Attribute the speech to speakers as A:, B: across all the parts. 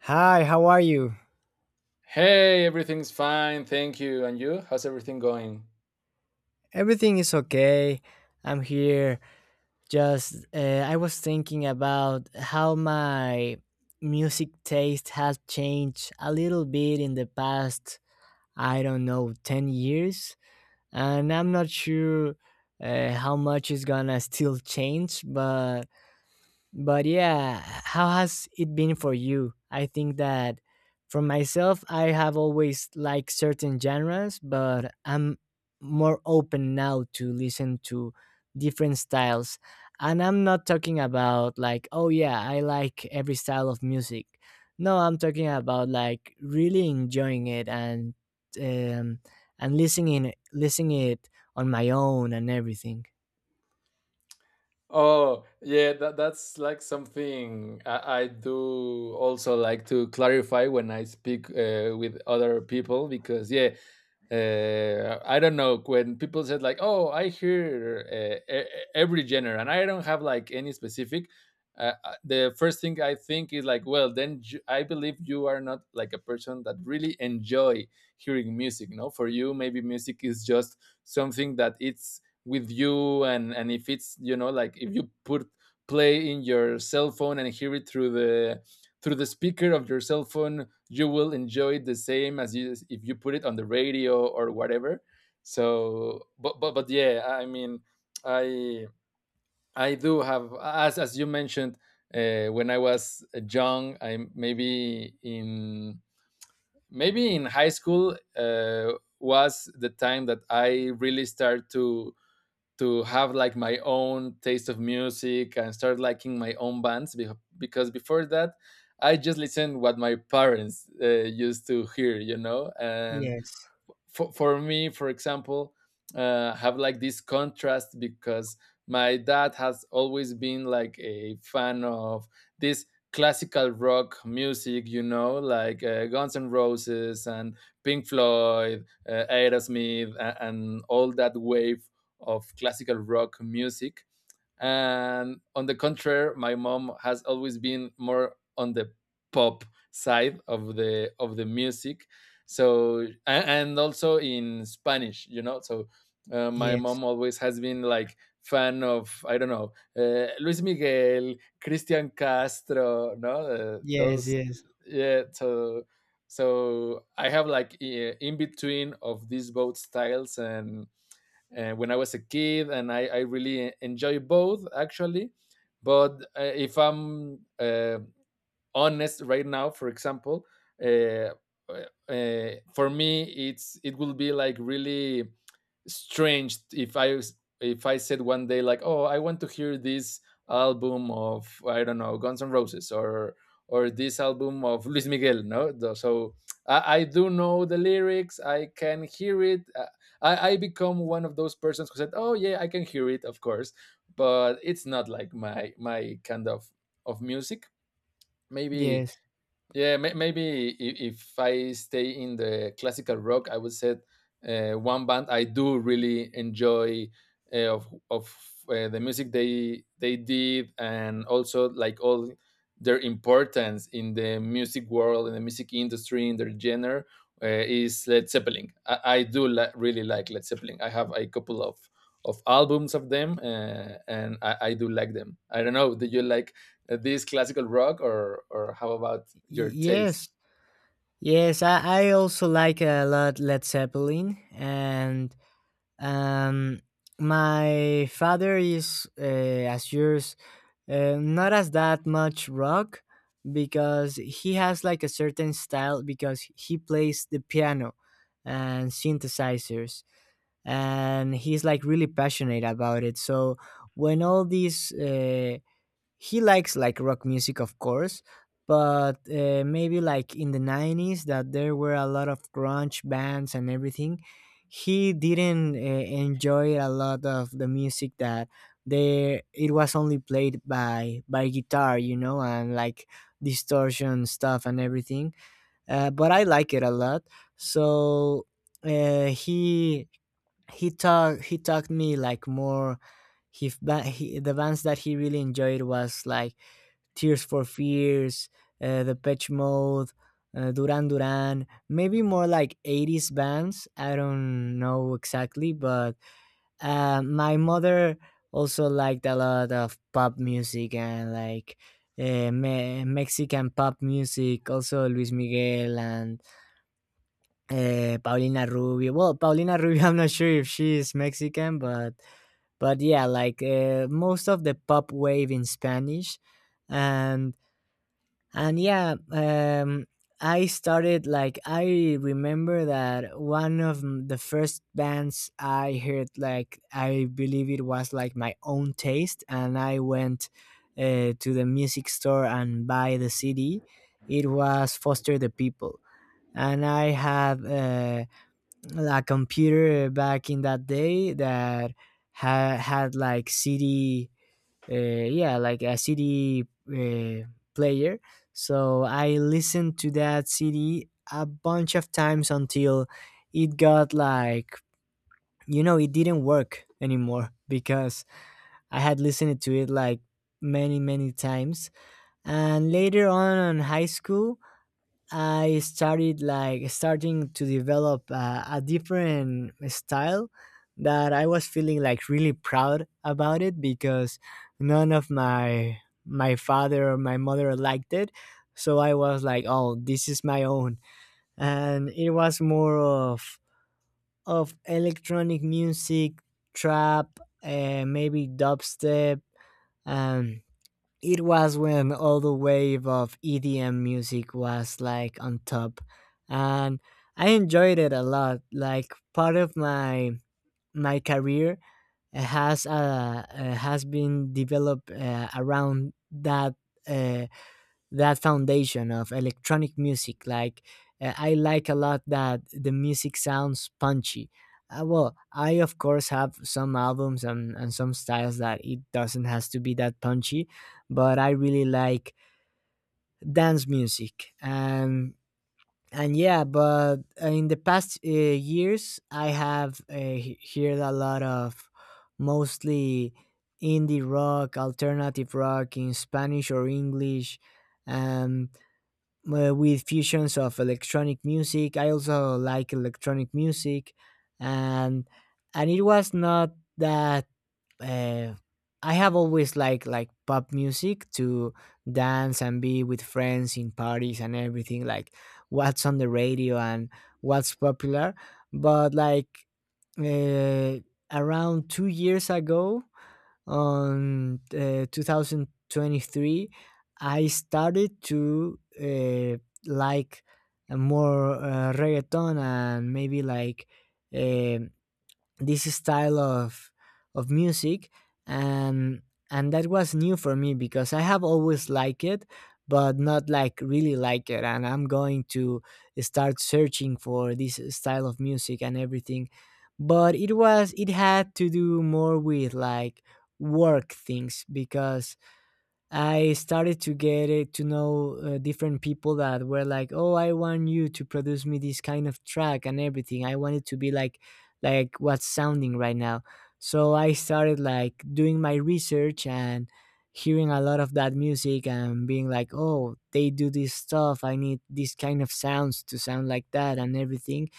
A: Hi, how are you?
B: Hey, everything's fine, thank you. And you? How's everything going?
A: Everything is okay. I'm here. Just, I was thinking about how my music taste has changed a little bit in the past, I don't know, 10 years. And I'm not sure how much is gonna still change, But yeah, how has it been for you? I think that for myself, I have always liked certain genres, but I'm more open now to listen to different styles. And I'm not talking about like, oh yeah, I like every style of music. No, I'm talking about like really enjoying it um, and listening it on my own and everything.
B: Oh, yeah, that's like something I do also like to clarify when I speak with other people because, yeah, I don't know when people said like, "Oh, I hear every genre," and I don't have like any specific. The first thing I think is like, well, then I believe you are not like a person that really enjoy hearing music. No, for you, maybe music is just something that it's with you, and if it's, you know, like if you put play in your cell phone and hear it through the speaker of your cell phone, you will enjoy it the same as you if you put it on the radio or whatever. So but yeah, I mean, i I do have, as you mentioned, when I was young, I maybe in high school was the time that I really started to have like my own taste of music and start liking my own bands because before that, I just listened what my parents used to hear, you know. And
A: Yes,
B: for me, for example, have like this contrast because my dad has always been like a fan of this classical rock music, you know, like Guns and Roses and Pink Floyd, Aerosmith, and all that wave of classical rock music. And on the contrary, my mom has always been more on the pop side of the music. So and also in Spanish, you know. So my
A: yes,
B: mom always has been like fan of, I don't know, Luis Miguel, Christian Castro, no,
A: yes,
B: those.
A: yes,
B: Yeah. So I have like in between of these both styles. And when I was a kid, and I really enjoy both actually. But if I'm honest right now, for example, uh, for me it will be like really strange if I said one day like, oh, I want to hear this album of, I don't know, Guns N' Roses, or this album of Luis Miguel. No. So I do know the lyrics. I can hear it. I become one of those persons who said, oh yeah, I can hear it, of course, but it's not like my kind of music. Maybe
A: yes.
B: yeah, maybe if I stay in the classical rock, I would say one band I do really enjoy, of the music they did, and also like all their importance in the music world, in the music industry, in their genre, is Led Zeppelin. I really like Led Zeppelin. I have a couple of albums of them, and I do like them. I don't know. Do you like this classical rock, or how about your
A: Yes,
B: taste?
A: yes, I also like a lot Led Zeppelin, and um, my father is, as yours, not as that much rock, because he has like a certain style because he plays the piano and synthesizers, and he's like really passionate about it. So, when all these, he likes like rock music, of course, but maybe like in the 90s that there were a lot of grunge bands and everything, he didn't enjoy a lot of the music that there it was only played by guitar, and like distortion stuff and everything, but I like it a lot. So, he he talked me like more. He, the bands that he really enjoyed was like Tears for Fears, Depeche Mode, Duran Duran, maybe more like 80s bands. I don't know exactly, but my mother also liked a lot of pop music and like Mexican pop music, also Luis Miguel and Paulina Rubio. Well, Paulina Rubio, I'm not sure if she is Mexican, but yeah, like, most of the pop wave in Spanish, and and yeah, I started like I remember that one of the first bands I heard, like, I believe it was like my own taste, and I went to the music store and buy the CD. It was Foster the People, and I had a computer back in that day that had like CD, uh, yeah, like a cd, player. So I listened to that cd a bunch of times until it got like, it didn't work anymore because I had listened to it like many many times. And later on in high school, I started like starting to develop a different style that I was feeling like really proud about it because none of my father or my mother liked it. So I was like, oh, this is my own. And it was more of electronic music, trap, maybe dubstep, um, it was when all the wave of EDM music was like on top, and I enjoyed it a lot. Like, part of my career has been developed around uh, that foundation of electronic music. Like, I like a lot that the music sounds punchy. Well, I of course have some albums and some styles that it doesn't has to be that punchy, but I really like dance music and yeah, but in the past years I have heard a lot of, mostly, indie rock, alternative rock in Spanish or English. Um, with fusions of electronic music. I also like electronic music, and and it was not that. Uh, I have always liked like pop music to dance and be with friends in parties and everything. Like what's on the radio and what's popular, but like, uh, around 2 years ago, on 2023, I started to like more reggaeton and maybe like um this style of music. And and that was new for me because I have always liked it but not like really like it and I'm going to start searching for this style of music and everything. But it had to do more with like work things because I started to get it to know different people that were like, "Oh, I want you to produce me this kind of track and everything. I want it to be like what's sounding right now." So I started like doing my research and hearing a lot of that music and being like, "Oh, they do this stuff. I need this kind of sounds to sound like that and everything."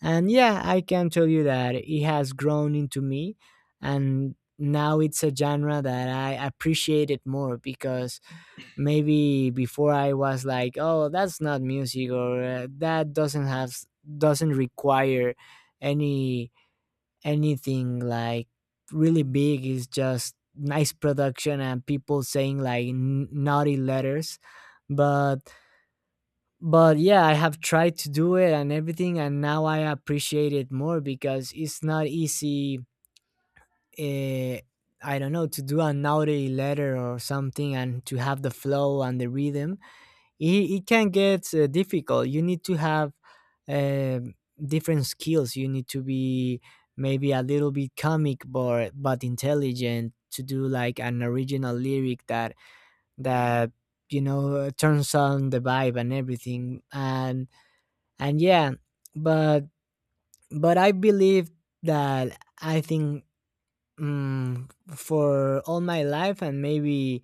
A: And yeah, I can tell you that it has grown into me, and now it's a genre that I appreciate it more because maybe before I was like, oh, that's not music or that doesn't require any anything like really big. It's just nice production and people saying like naughty letters. But but yeah, I have tried to do it and everything and now I appreciate it more because it's not easy. Uh, i don't know, to do an audio letter or something and to have the flow and the rhythm, it can get difficult. You need to have uh, different skills. You need to be maybe a little bit comic but intelligent to do like an original lyric that, turns on the vibe and everything. And yeah, but but I believe that I think, mm, for all my life and maybe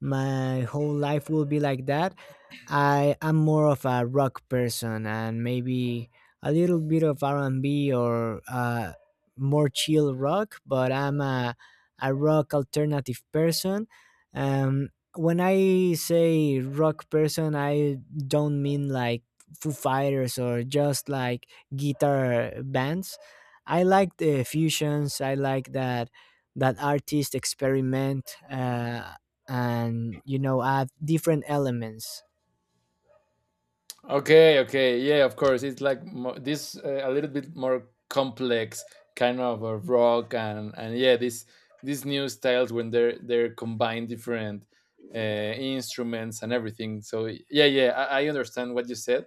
A: my whole life will be like that, I am more of a rock person, and maybe a little bit of R&B or more chill rock, but I'm a rock alternative person. um, when I say rock person, I don't mean like Foo Fighters or just like guitar bands. I like the fusions. I like that artists experiment, and add different elements.
B: Okay, okay, yeah, of course. It's like this, a little bit more complex kind of a rock. And yeah, this, these new styles when they're combined different uh, instruments and everything. So yeah, yeah, I understand what you said.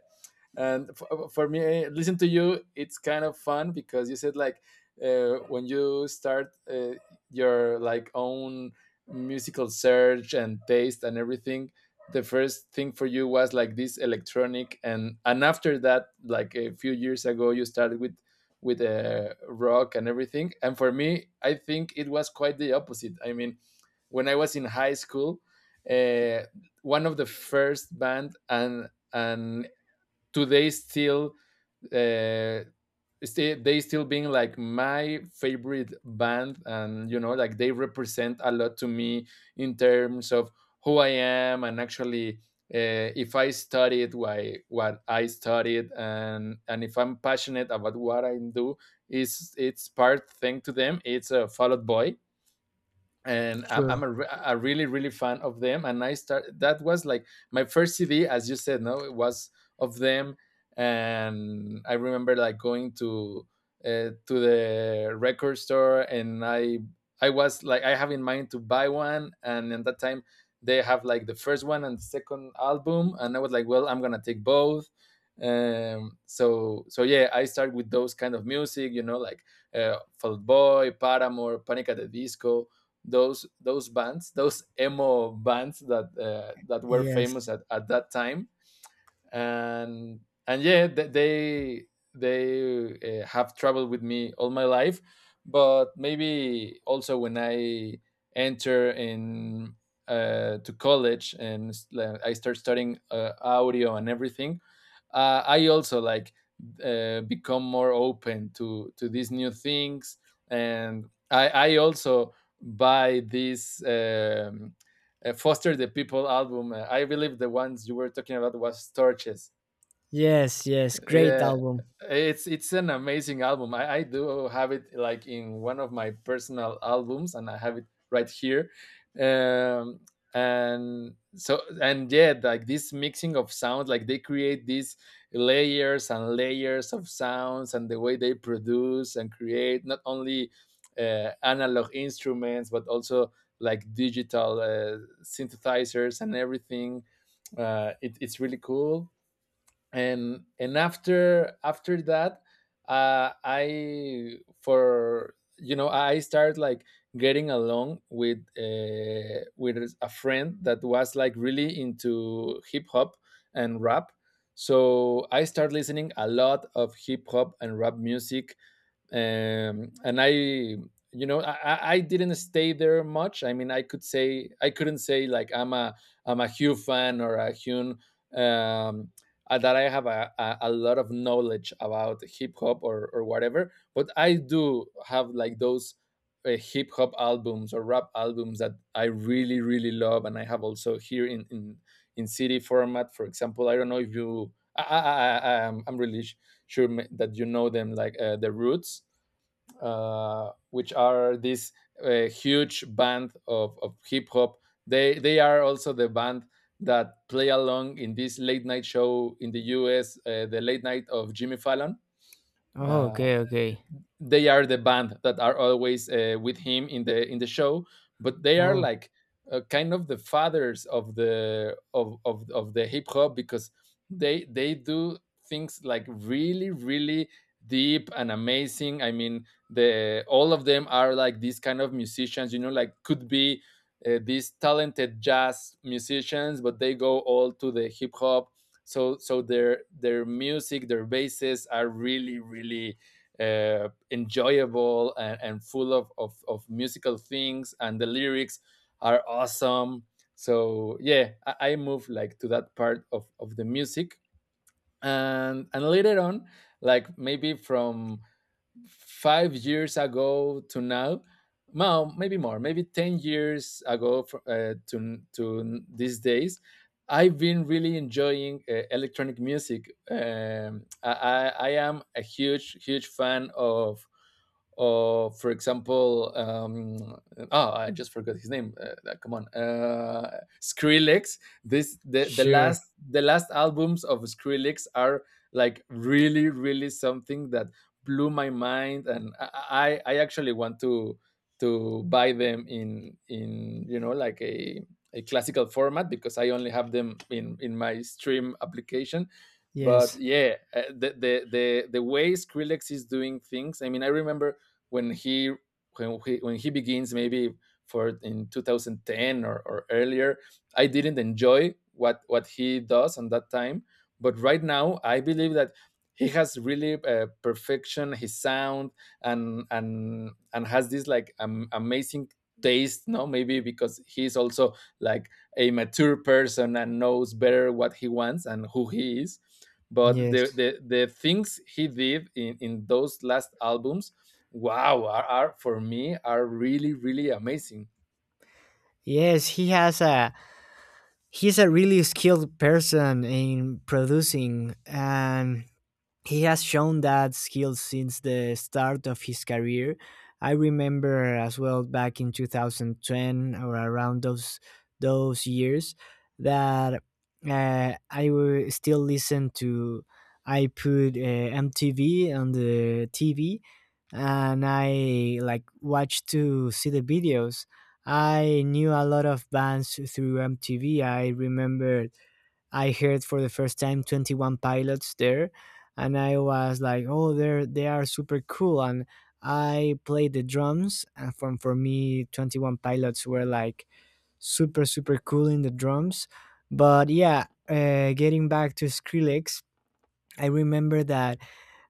B: And for me, eh, listen to you, it's kind of fun because you said like, when you start your like own musical search and taste and everything, the first thing for you was like this electronic, and after that, like a few years ago, you started with rock and everything. And for me, I think it was quite the opposite. I mean, when I was in high school, uh, one of the first band, and today still, uh, they still being like my favorite band. And you know like they represent a lot to me in terms of who I am. And actually, if I studied why what I studied, and if I'm passionate about what I do, is it's part thing to them. It's a fallout boy. And
A: Sure.
B: I'm a a really really fan of them. And I start, that was like my first CD, as you said, no, it was of them. And I remember like going to the record store, and I was like, I have in mind to buy one. And at that time they have like the first one and the second album, and I was like, well, I'm gonna take both. So yeah, I start with those kind of music, you know, like Fall Out Boy, Paramore, Panic at the Disco, those bands, those emo bands that that were
A: Yes,
B: famous at that time. And yeah, they have traveled with me all my life. But maybe also when I enter in to college, and like, I start studying audio and everything, I also like become more open to these new things. And I also buy these, Foster the People album. I believe the ones you were talking about was Torches.
A: yes, yes, great
B: Yeah,
A: album.
B: it's an amazing album. I do have it like in one of my personal albums, and I have it right here. Um and so and yeah, like this mixing of sounds, like they create these layers and layers of sounds, and the way they produce and create not only analog instruments but also like digital synthesizers and everything, it's really cool. And after that, I, for you know, I started like getting along with a friend that was like really into hip hop and rap. So I started listening a lot of hip hop and rap music. And I, you know, I didn't stay there much. I mean, I could say, I couldn't say like I'm a Hugh fan or a Hune, um, that I have a, lot of knowledge about hip hop or whatever. But I do have like those hip hop albums or rap albums that I really really love, and I have also here in CD format. For example, I don't know if you. I'm really sure that you know them, like The Roots, which are this huge band of hip hop. They are also the band that play along in this late night show in the U.S. The late night of Jimmy Fallon.
A: Oh,
B: Uh,
A: okay, okay.
B: they are the band that are always with him in the show. But they are
A: Oh.
B: like kind of the fathers of the of the hip hop, because they do things like really really deep and amazing. I mean, the all of them are like these kind of musicians, you know, like could be these talented jazz musicians, but they go all to the hip hop. So their music, their bases are really really enjoyable, and full of, of musical things, and the lyrics are awesome. So yeah, I moved like to that part of the music. And later on, like maybe from 5 years ago to now, well, maybe more, maybe 10 years ago to these days, I've been really enjoying electronic music. I am a huge, huge fan of, for example, oh, I just forgot his name. Come on, Skrillex. This the
A: Sure.
B: last albums of Skrillex are like really, really something that blew my mind. And I actually want to buy them in, you know, like a classical format, because I only have them in my stream application. But
A: yes
B: yeah, the way Skrillex is doing things. I mean, I remember when he when he begins, maybe for in 2010, or earlier, I didn't enjoy what he does on that time. But right now I believe that he has really perfection his sound, and and has this like, amazing taste, no, maybe because he's also like a mature person and knows better what he wants and who he is. But the
A: yes,
B: the things he did in those last albums, wow, are, for me are really really amazing.
A: yes, he's a really skilled person in producing, and he has shown that skill since the start of his career. I remember as well back in 2010 or around those years that, I will still listen to. I put, MTV on the TV, and I like watched to see the videos. I knew a lot of bands through MTV. I remember I heard for the first time Twenty One pilots there and I was like, "Oh, they are super cool." And I played the drums, and from for me, Twenty One Pilots were like super super cool in the drums. But yeah, getting back to Skrillex, I remember that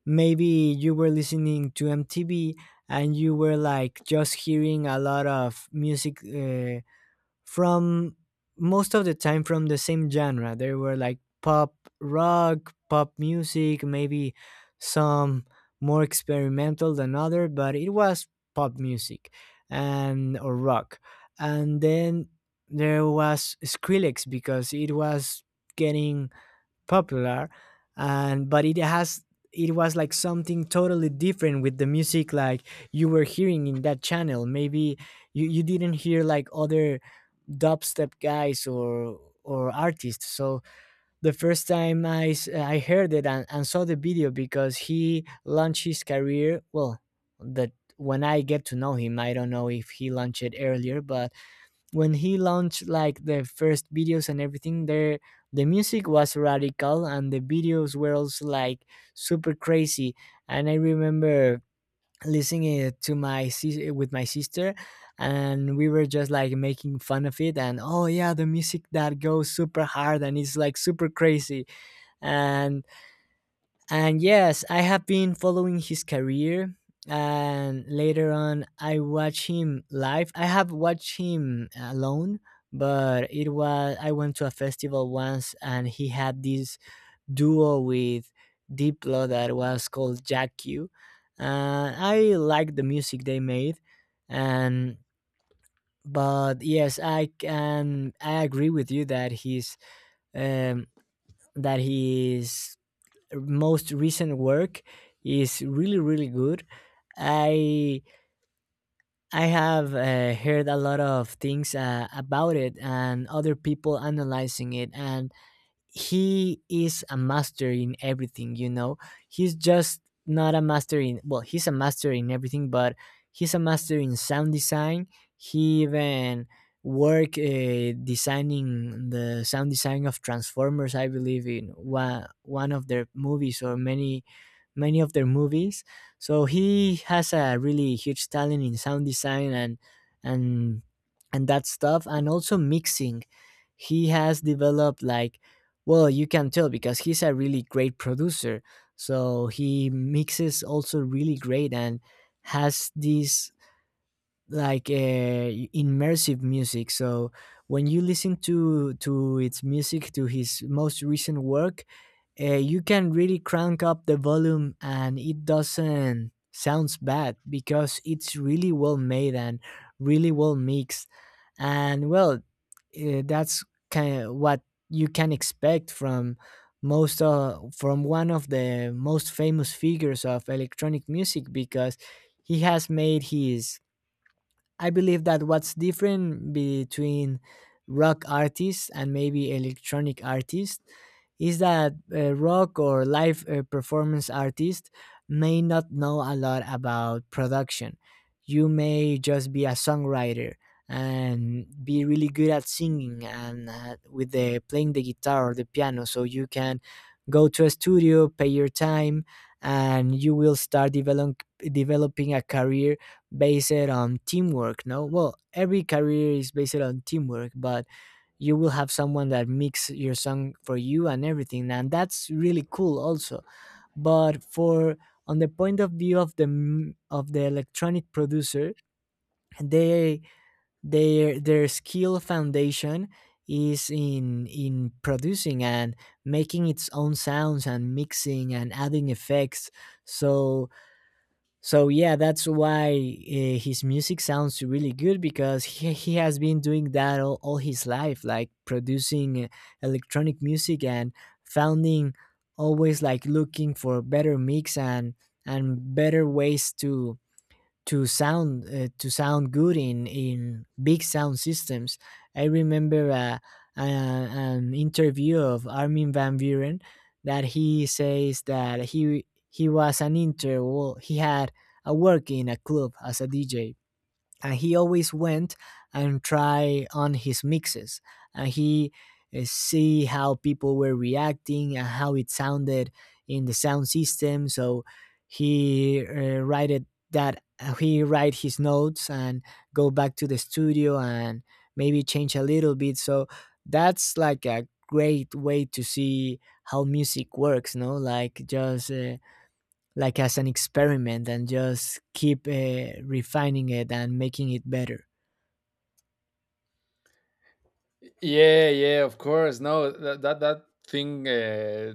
A: maybe you were listening to MTV and you were like just hearing a lot of music. From most of the time from the same genre. There were like pop rock, pop music, maybe some more experimental than other, but it was pop music and or rock. And then there was Skrillex because it was getting popular and but it was like something totally different with the music like you were hearing in that channel. Maybe you didn't hear like other dubstep guys or artists. So the first time I heard it, and saw the video because he launched his career, well, that when I get to know him. I don't know if he launched it earlier, but when he launched like the first videos and everything there, the music was radical and the videos were also like super crazy. And I remember listening it with my sister, and we were just like making fun of it and, oh yeah, the music that goes super hard and it's like super crazy. And and yes, I have been following his career. And later on, I watch him live. I have watched him alone, but it was I went to a festival once, and he had this duo with Diplo that was called Jack Q. I liked the music they made, and but yes, I agree with you that he's, um, that his most recent work is really really good. I I have heard a lot of things about it and other people analyzing it, and he is a master in everything, he's just, not a master in well, he's a master in everything, but he's a master in sound design. He even work, designing the sound design of Transformers, I believe, in one of their movies or many many of their movies. So he has a really huge talent in sound design and and that stuff, and also mixing. He has developed like, well, you can tell because he's a really great producer. So he mixes also really great and has this like, immersive music. So when you listen to its music to his most recent work, you can really crank up the volume and it doesn't sounds bad because it's really well made and really well mixed and well, that's kind of what you can expect from most from one of the most famous figures of electronic music because he has made his I believe that what's different between rock artists and maybe electronic artists is that rock or live performance artists may not know a lot about production. You may just be a songwriter and be really good at singing and with the playing the guitar or the piano, so you can go to a studio, pay your time, and you will developing a career based on teamwork. No, well, every career is based on teamwork, but you will have someone that mix your song for you and everything, and that's really cool also. But for, on the point of view of the of the electronic producer, they, their skill foundation is in producing and making its own sounds and mixing and adding effects. So so yeah, that's why his music sounds really good because he has been doing that all his life, like producing electronic music and founding, always like looking for better mix and better ways to sound, to sound good in big sound systems. I remember uh, an interview of Armin van Buren that he says that he was an inter well, he had a work in a club as a DJ, and he always went and try on his mixes, and he, see how people were reacting and how it sounded in the sound system. So he, write it, that he write his notes and go back to the studio and maybe change a little bit. So that's like a great way to see how music works, no, like just like as an experiment and just keep refining it and making it better.
B: Yeah, yeah, of course. No, that thing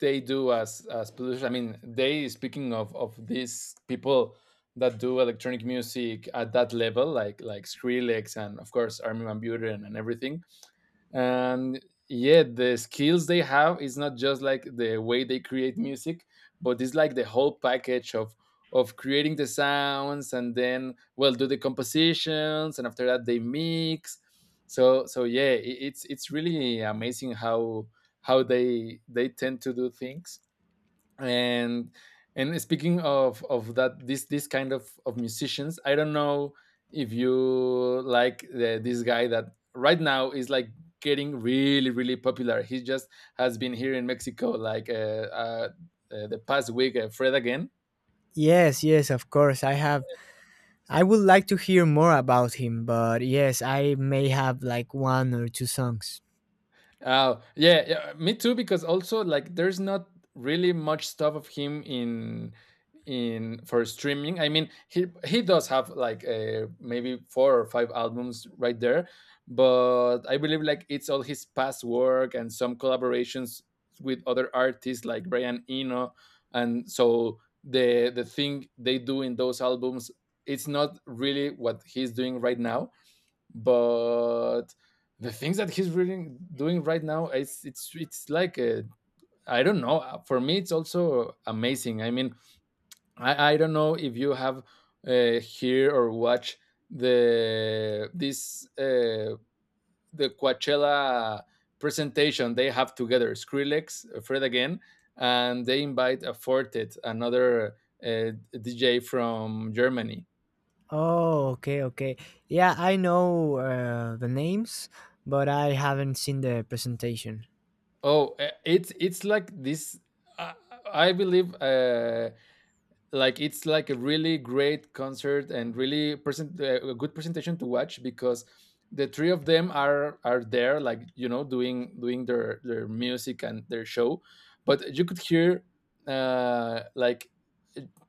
B: they do as pollution. I mean, they speaking of these people that do electronic music at that level, like Skrillex and of course Armin van Buuren and everything. And yeah, the skills they have is not just like the way they create music, but it's like the whole package of creating the sounds and then, well, do the compositions and after that they mix. So yeah, it's really amazing how they tend to do things. And speaking of that, this kind of musicians, I don't know if you like this guy that right now is like getting really popular. He just has been here in Mexico like the past week, Fred again.
A: Yes, yes, of course. I have. I would like to hear more about him, but yes, I may have like one or two songs.
B: Oh, yeah, yeah, me too. Because also, like, there's not really much stuff of him in for streaming. I mean, he does have like maybe four or five albums right there, but I believe like it's all his past work and some collaborations with other artists like Brian Eno, and so the thing they do in those albums, it's not really what he's doing right now. But the things that he's really doing right now, it's like a, I don't know. For me, it's also amazing. I mean, I don't know if you have hear or watch the this uh, the Coachella presentation they have together. Skrillex, Fred again, and they invite a Fortet, another DJ from Germany.
A: Oh, okay, okay. Yeah, I know the names, but I haven't seen the presentation.
B: Oh, it's like this. I, I believe like it's like a really great concert and really present a good presentation to watch, because the three of them are there, like, you know, doing their music and their show. But you could hear, like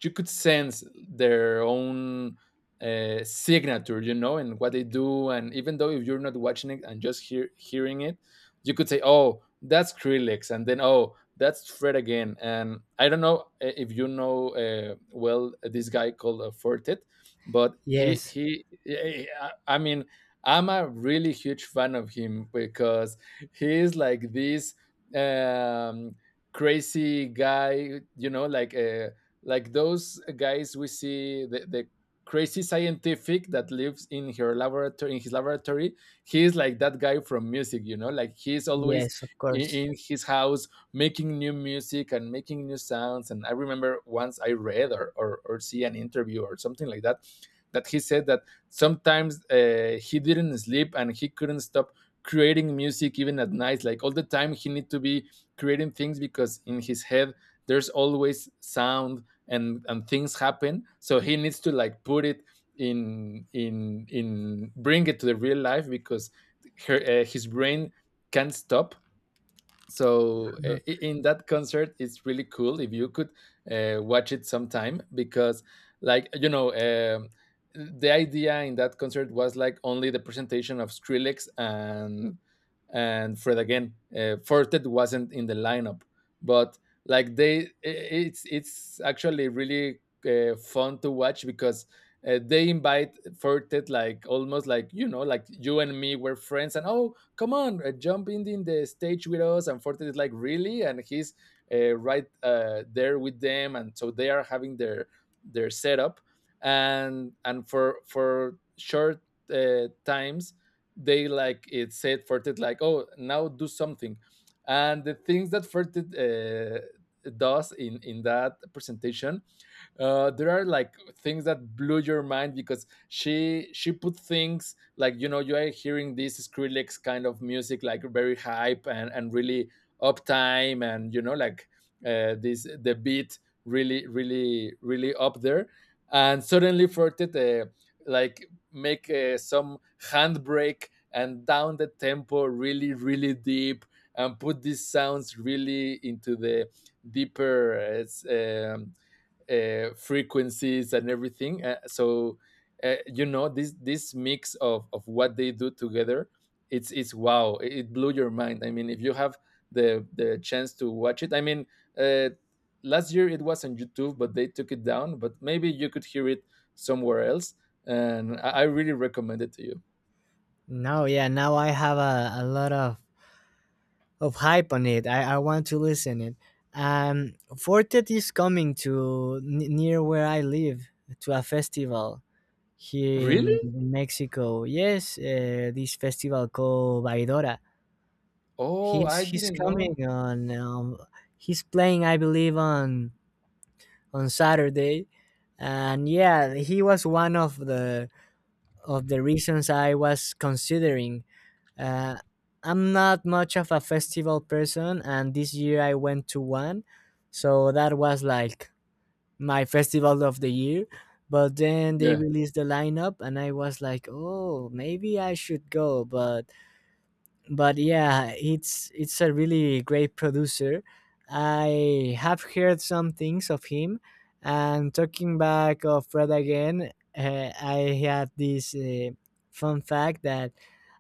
B: you could sense their own signature, you know, and what they do. And even though if you're not watching it and just hearing it, you could say, oh, that's Krillex, and then, oh, that's Fred again. And I don't know, if you know, well, this guy called Fortet, but
A: Yes,
B: I mean, I'm a really huge fan of him because he is like this, um, crazy guy, you know, like, like those guys we see, the crazy scientific that lives in her laboratory, in his laboratory. He is like that guy from music, you know, like he's always
A: yes, of course.
B: in his house making new music and making new sounds. And I remember once I read, or see an interview or something like that, that he said that sometimes he didn't sleep and he couldn't stop creating music even at night. Like all the time he need to be creating things because in his head there's always sound, and things happen. So he needs to like put it in, bring it to the real life because his brain can't stop. So
A: Mhm.
B: in that concert, it's really cool if you could watch it sometime because, like, you know, the idea in that concert was like only the presentation of Skrillex and Fred again. Fortet wasn't in the lineup, but like they i- it's actually really fun to watch because they invite Fortet like almost like, you know, like you and me were friends, and, oh, come on, jump in the stage with us. And Forte is like, really? And he's right there with them. And so they are having their setup, and for short times, they like it said Forte like, oh, now do something. And the things that Forte uh, does in that presentation, there are like things that blew your mind, because she put things, like, you know, you are hearing this Skrillex kind of music like very hype and really uptime, and, you know, like, this the beat really up there, and suddenly Fortet like make some handbrake and down the tempo really deep, and put these sounds really into the deeper frequencies and everything. So you know, this mix of what they do together, it's wow. It blew your mind. I mean, if you have the chance to watch it, I mean, uh, last year it was on YouTube, but they took it down. But maybe you could hear it somewhere else, and I really recommend it to you.
A: Now, yeah, now I have a lot of hype on it. I want to listen it. Fortet is coming to near where I live, to a festival here in
B: Really?
A: Mexico. Yes, this festival called Vaidora.
B: Oh, I
A: He's
B: didn't know.
A: coming on. He's playing, I believe, on Saturday, and yeah, he was one of the reasons I was considering, uh, I'm not much of a festival person, and this year I went to one, so that was like my festival of the year. But then they released the lineup, and I was like, "Oh, maybe I should go." But yeah, it's a really great producer. I have heard some things of him, and talking back of Fred again, I had this fun fact that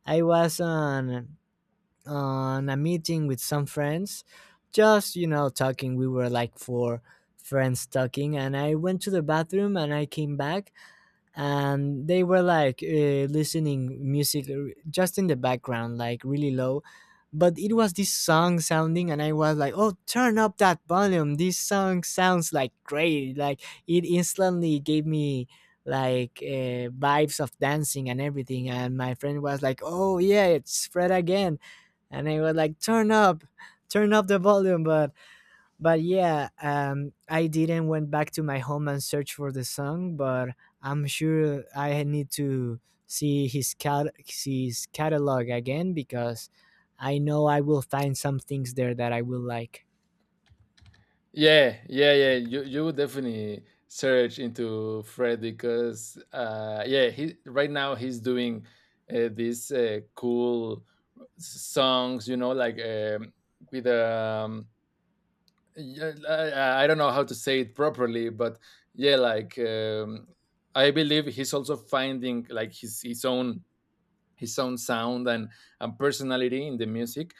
A: I was on a meeting with some friends, just you know talking. We were like 4 friends talking, and I went to the bathroom and I came back, and they were like listening music just in the background, like really low. But it was this song sounding, and I was like, "Oh, turn up that volume! This song sounds like great!" Like it instantly gave me like vibes of dancing and everything. And my friend was like, "Oh yeah, it's Fred again." And I was like, turn up the volume." But yeah, I didn't went back to my home and search for the song, but I'm sure I need to see his catalog again because I know I will find some things there that I will like.
B: Yeah, yeah, yeah. You would definitely search into Fred because, uh, yeah, he right now he's doing these cool songs, you know, like, with yeah, I don't know how to say it properly, but yeah, like, I believe he's also finding like his own, his own sound, and personality in the music.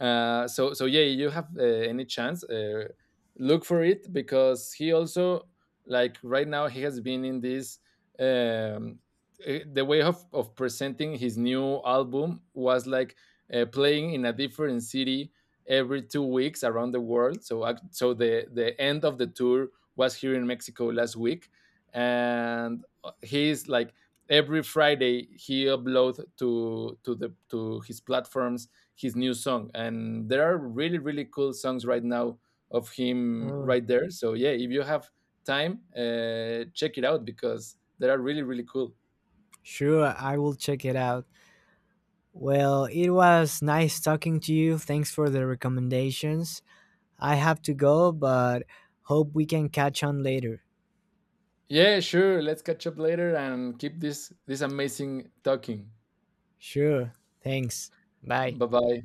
B: So yeah, you have any chance, look for it, because he also, like, right now he has been in this. Um, the way of presenting his new album was like playing in a different city every 2 weeks around the world. So the end of the tour was here in Mexico last week, and he's like every Friday he uploads to the to his platforms his new song, and there are really cool songs right now of him
A: Oh,
B: right there. So yeah, if you have time, check it out because they are really cool.
A: sure, I will check it out. Well, it was nice talking to you. Thanks for the recommendations. I have to go, but hope we can catch on later.
B: Yeah, sure. Let's catch up later and keep this amazing talking.
A: Sure. Thanks. Bye.
B: Bye bye.